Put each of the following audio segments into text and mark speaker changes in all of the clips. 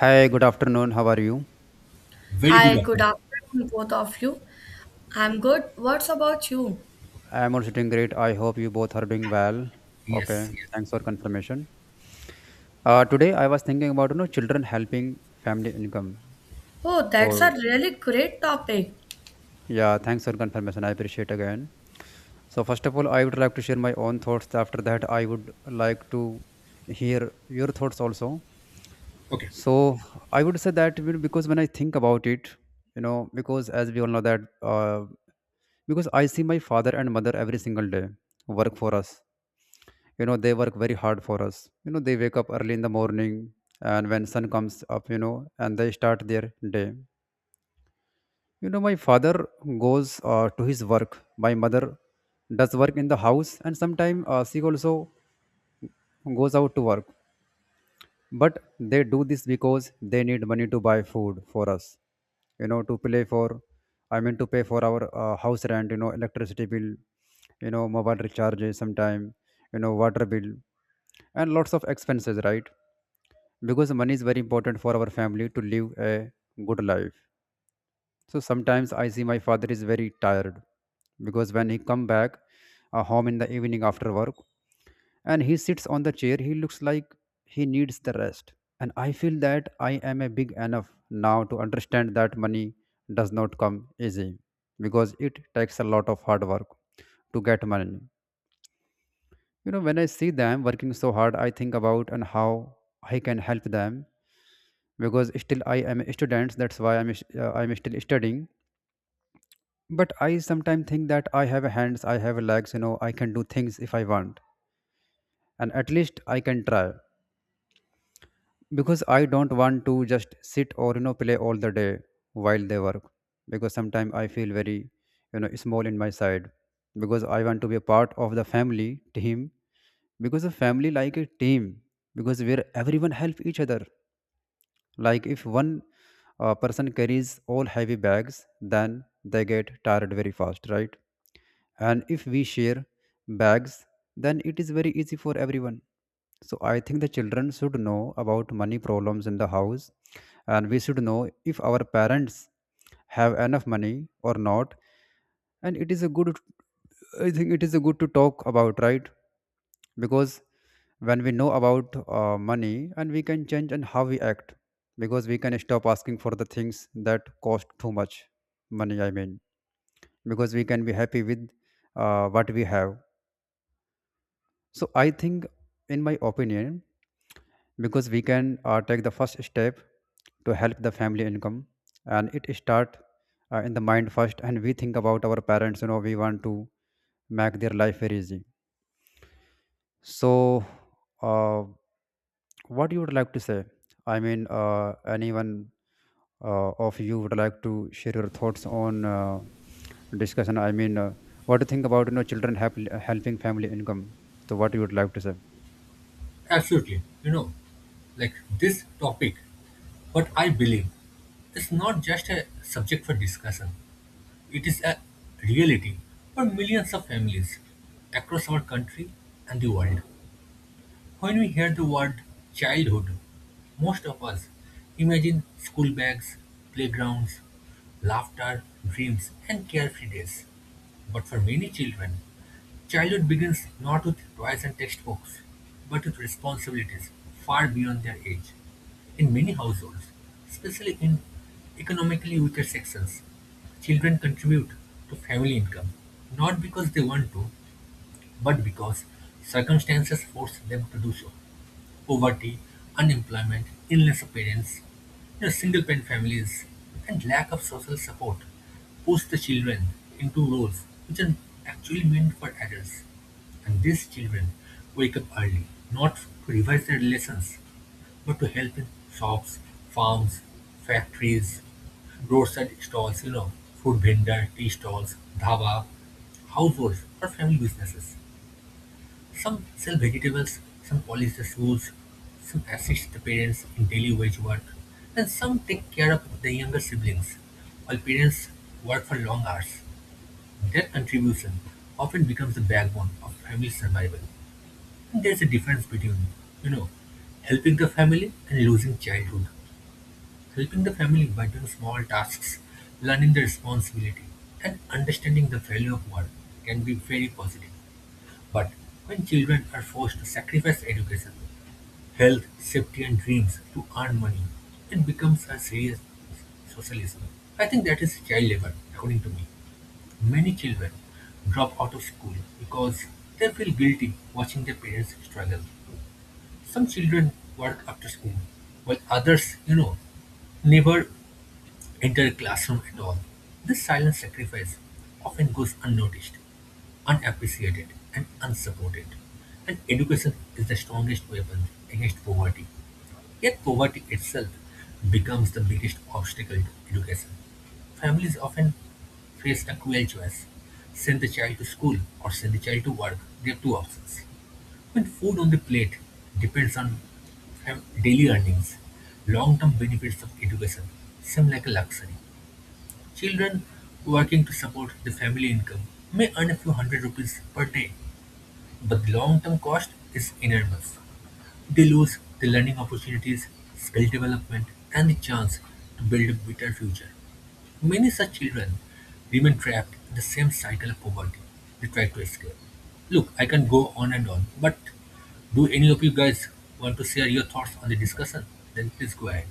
Speaker 1: Hi, good afternoon. How are you?
Speaker 2: Very good
Speaker 3: Hi,
Speaker 2: of
Speaker 3: good
Speaker 2: you.
Speaker 3: afternoon, both of you. I'm good. What's about you?
Speaker 1: I'm also doing great. I hope you both are doing well.
Speaker 2: Yes,
Speaker 1: Okay,
Speaker 2: yes.
Speaker 1: thanks for confirmation. Today I was thinking about children helping family income.
Speaker 3: Oh, that's a
Speaker 1: So
Speaker 3: really great topic.
Speaker 1: yeah, thanks for confirmation. I appreciate again. So first of all, I would like to share my own thoughts. After that, I would like to hear your thoughts also.
Speaker 2: Okay,
Speaker 1: So I would say that because when I think about it, because as we all know that because I see my father and mother every single day work for us. They work very hard for us. They wake up early in the morning, and when sun comes up, and they start their day. My father goes to his work. My mother does work in the house, and sometimes she also goes out to work. But they do this because they need money to buy food for us, to play for, I mean to pay for our house rent, electricity bill, mobile recharges sometime, water bill, and lots of expenses, right? Because money is very important for our family to live a good life. So sometimes I see my father is very tired, because when he come back home in the evening after work and he sits on the chair, he looks like he needs the rest. And I feel that I am a big enough now to understand that money does not come easy, because it takes a lot of hard work to get money. When I see them working so hard, I think about and how I can help them. Because still I am a student, that's why I'm still studying. But I sometimes think that I have hands, I have legs, I can do things if I want, and at least I can try, because I don't want to just sit or play all the day while they work. Because sometimes I feel very, small in my side, because I want to be a part of the family team, because a family like a team, because where everyone help each other, like if one person carries all heavy bags, then they get tired very fast, right? And if we share bags, then it is very easy for everyone. So I think the children should know about money problems in the house, and we should know if our parents have enough money or not. And it is a good, I think it is a good to talk about, right? Because when we know about money, and we can change and how we act, because we can stop asking for the things that cost too much money, I mean, because we can be happy with what we have. So I think, in my opinion, because we can take the first step to help the family income, and it start in the mind first, and we think about our parents, we want to make their life very easy. So, uh, what you would like to say? I mean, anyone of you would like to share your thoughts on discussion? I mean, what do you think about children help, helping family income? So, what you would like to say?
Speaker 2: absolutely. You know, like this topic, what I believe is not just a subject for discussion, it is a reality for millions of families across our country and the world. When we hear the word childhood, most of us imagine school bags, playgrounds, laughter, dreams, and carefree days. But for many children, childhood begins not with toys and textbooks, but with responsibilities far beyond their age. In many households, especially in economically weaker sections, children contribute to family income not because they want to, but because circumstances force them to do so poverty, unemployment, illness appearance, you know, single parent families, and lack of social support push the children into roles which are actually meant for adults. And these children wake up early, not to revise their lessons, but to help in shops, farms, factories, roadside stalls, you know, food vendor, tea stalls, dhaba, households, or family businesses. Some sell vegetables, some polish the shoes, some assist the parents in daily wage work, and some take care of the younger siblings. While parents work for long hours, their contribution often becomes the backbone of family survival. And there's a difference between, you know, helping the family and losing childhood. Helping the family by doing small tasks, learning the responsibility, and understanding the value of work can be very positive. But when children are forced to sacrifice education, health, safety, and dreams to earn money, it becomes a serious social issue. I think that is child labor, according to me. Many children drop out of school because they feel guilty watching their parents struggle. Some children work after school, while others, you know, never enter a classroom at all. This silent sacrifice often goes unnoticed, unappreciated, and unsupported. And education is the strongest weapon against poverty. Yet poverty itself becomes the biggest obstacle to education. Families often face a cruel choice. Send the child to school or send the child to work. They have two options. When food on the plate depends on daily earnings, long-term benefits of education seem like a luxury. Children working to support the family income may earn a few hundred rupees per day, but the long term cost is enormous. They lose the learning opportunities, skill development, and the chance to build a better future. Many such children remain trapped in the same cycle of poverty they try to escape. Look, I can go on and on, but do any of you guys want to share your thoughts on the discussion? Then please go ahead.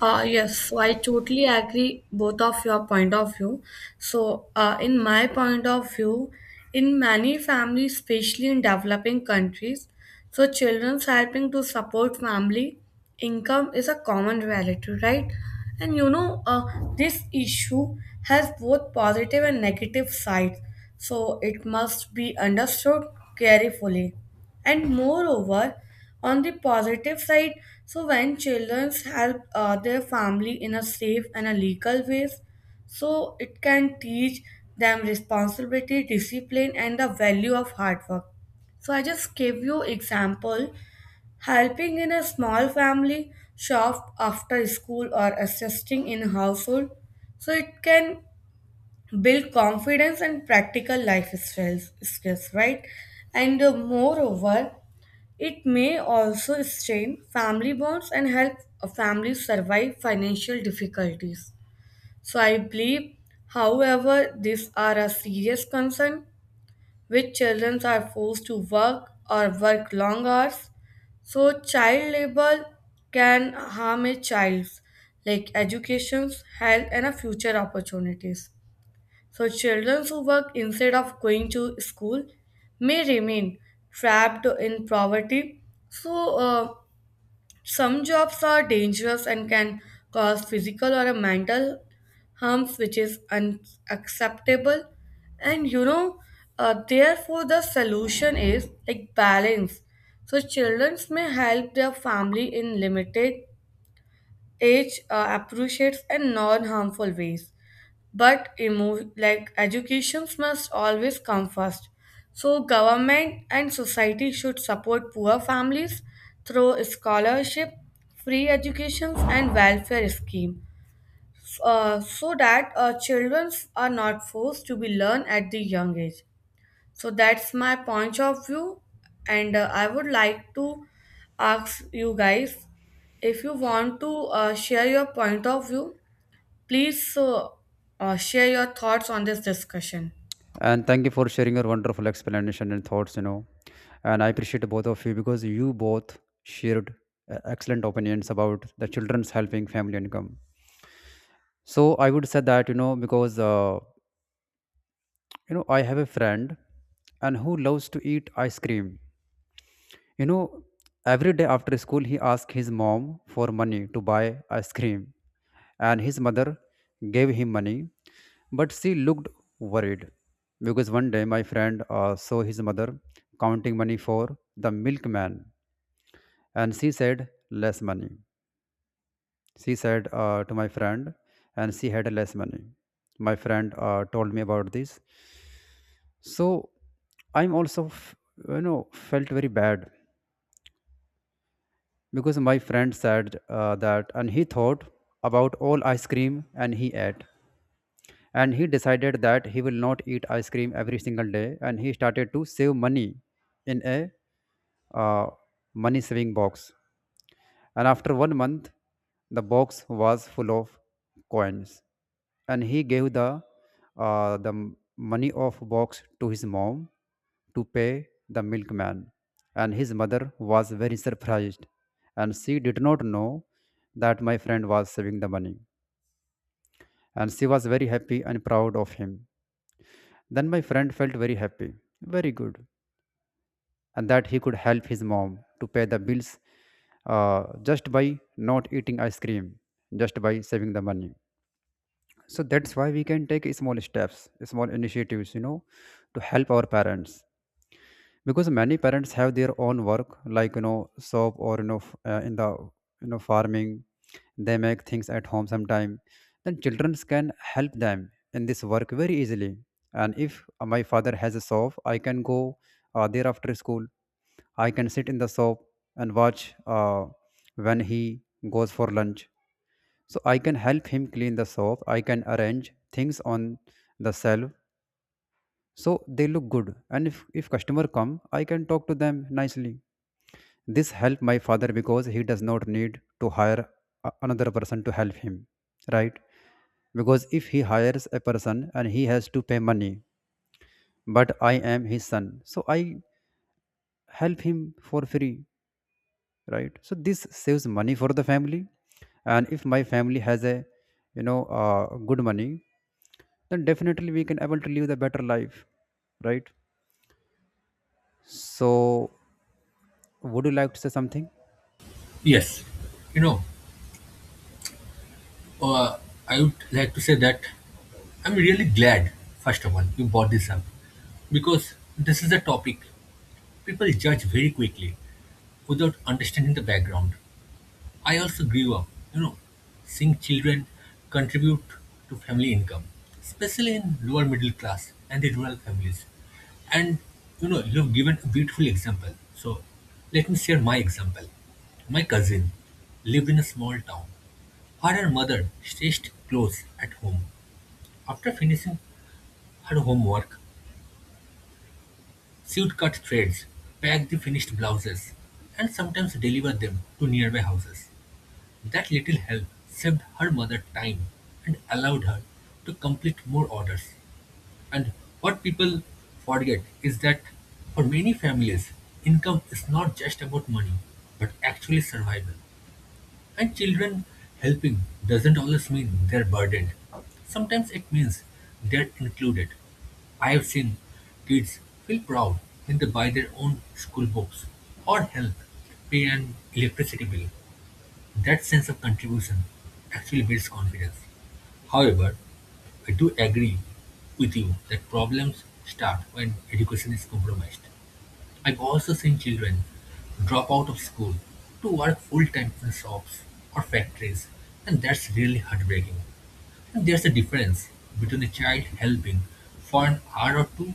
Speaker 3: Yes, I totally agree both of your point of view. In my point of view, in many families, especially in developing countries, so children's helping to support family income is a common reality, right? And you know, uh, this issue has both positive and negative sides, so it must be understood carefully. And moreover, on the positive side, so when children help their family in a safe and a legal ways, so it can teach them responsibility, discipline, and the value of hard work. So I just gave you example: helping in a small family shop after school or assisting in household, so it can build confidence and practical life skills, right? And moreover, it may also strain family bonds and help a family survive financial difficulties. So I believe, however, these are a serious concern which children are forced to work or work long hours. So child labor can harm a child's like educations, health, and a future opportunities. So children who work instead of going to school may remain trapped in poverty. So some jobs are dangerous and can cause physical or a mental harms, which is unacceptable. And therefore, the solution is like balance. So children may help their family in limited age, appreciates, and non harmful ways, but like educations must always come first. So government and society should support poor families through scholarship, free educations, and welfare scheme, so that children are not forced to be learned at the young age. So that's my point of view, and I would like to ask you guys if you want to share your point of view. Please, share your thoughts on this discussion.
Speaker 1: And thank you for sharing your wonderful explanation and thoughts. You know, and I appreciate both of you because you both shared excellent opinions about the children's helping family income. So, I would say that you know because. I have a friend and who loves to eat ice cream. you know every day after school, he asked his mom for money to buy ice cream, and his mother gave him money, but she looked worried. Because one day my friend saw his mother counting money for the milkman, and she said less money. She said to my friend, and she had less money. My friend told me about this. So I'm also, felt very bad, because my friend said that, and he thought about all ice cream and he ate. And he decided that he will not eat ice cream every single day, and he started to save money in a uh, money saving box. And after one month, the box was full of coins, and he gave the money of box to his mom to pay the milkman. And his mother was very surprised, and she did not know that my friend was saving the money, and she was very happy and proud of him. Then my friend felt very happy, very good, and that he could help his mom to pay the bills, uh, just by not eating ice cream, just by saving the money. So that's why we can take small steps, small initiatives, to help our parents. Because many parents have their own work, like shop, or in the farming. They make things at home sometime, then children can help them in this work very easily. And if my father has a shop, I can go there after school. I can sit in the shop and watch when he goes for lunch. So I can help him clean the shop, I can arrange things on the shelf so they look good. And if customer come, I can talk to them nicely. This help my father because he does not need to hire another person to help him, right? Because if he hires a person and he has to pay money, but I am his son, so I help him for free, right? So this saves money for the family. And if my family has a you know uh, good money, then definitely we can able to live the better life, right? So would you like to say something?
Speaker 2: Yes, you know, Uh, I would like to say that I'm really glad, first of all, you brought this up because this is a topic people judge very quickly without understanding the background. I also grew up, you know, seeing children contribute to family income, especially in lower middle class and the rural families. And you know, you have given a beautiful example. So let me share my example. My cousin lived in a small town her and mother stitched clothes at home. After finishing her homework, she'd cut threads, pack the finished blouses, and sometimes deliver them to nearby houses. That little help saved her mother time and allowed her to complete more orders. And what people forget is that for many families, income is not just about money, but actually survival. And children helping doesn't always mean they're burdened. Sometimes it means they're included. I have seen kids feel proud when they buy their own school books or help pay an electricity bill. That sense of contribution actually builds confidence. However, I do agree with you that problems start when education is compromised. I've also seen children drop out of school to work full time in shops or factories, and that's really heartbreaking. And there's a difference between a child helping for an hour or two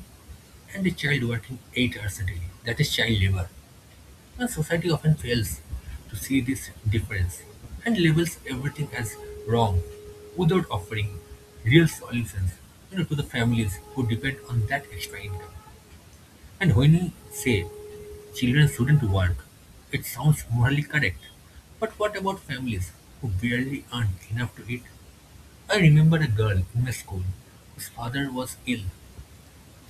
Speaker 2: and a child working 8 hours a day. That is child labor. And society often fails to see this difference and labels everything as wrong without offering real solutions, you know, to the families who depend on that extra income. And when we say children shouldn't work, it sounds morally correct. But what about families who barely earn enough to eat? I remember a girl in my school whose father was ill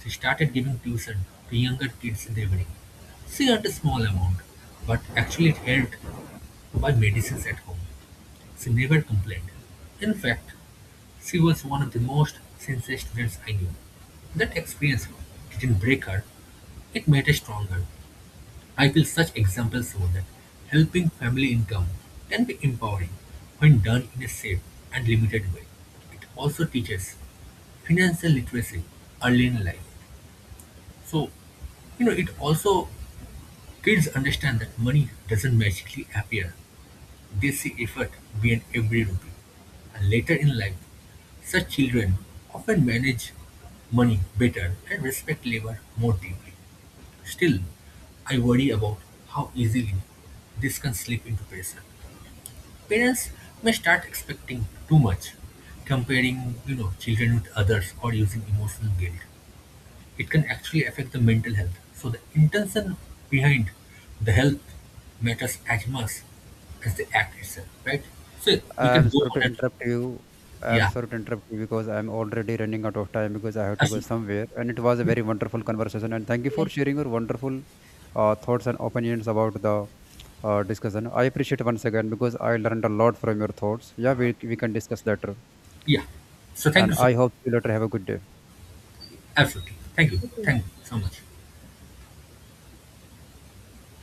Speaker 2: she started giving tuition to younger kids in the evening. She earned a small amount, but actually it helped buy medicines at home. She never complained. In fact, she was one of the most sincere students I knew. That experience didn't break her, it made her stronger. I feel such examples show that helping family income can be empowering when done in a safe and limited way. It also teaches financial literacy early in life. So, you know, it also kids understand that money doesn't magically appear. They see effort behind every rupee. And later in life, such children often manage money better and respect labor more deeply. Still, I worry about how easily this can slip into pressure. Parents may start expecting too much, comparing, you know, children with others or using emotional guilt. It can actually affect the mental health, so the intention behind the health matters as much as the act itself, right? So we
Speaker 1: I'm
Speaker 2: can go
Speaker 1: sorry to
Speaker 2: on and
Speaker 1: interrupt you. I'm
Speaker 2: yeah,
Speaker 1: sorry to interrupt you because I'm already running out of time, because I have to go
Speaker 2: absolutely,
Speaker 1: somewhere. And it was a very wonderful conversation, and thank you for
Speaker 3: Yes,
Speaker 1: sharing your wonderful thoughts and opinions about the discussion. I appreciate once again because I learned a lot from your thoughts. Yeah, we can discuss later.
Speaker 2: yeah. So thank
Speaker 1: And
Speaker 2: you so
Speaker 1: I hope you later have a good day.
Speaker 2: absolutely,
Speaker 3: you
Speaker 2: thank
Speaker 3: too.
Speaker 2: you so much.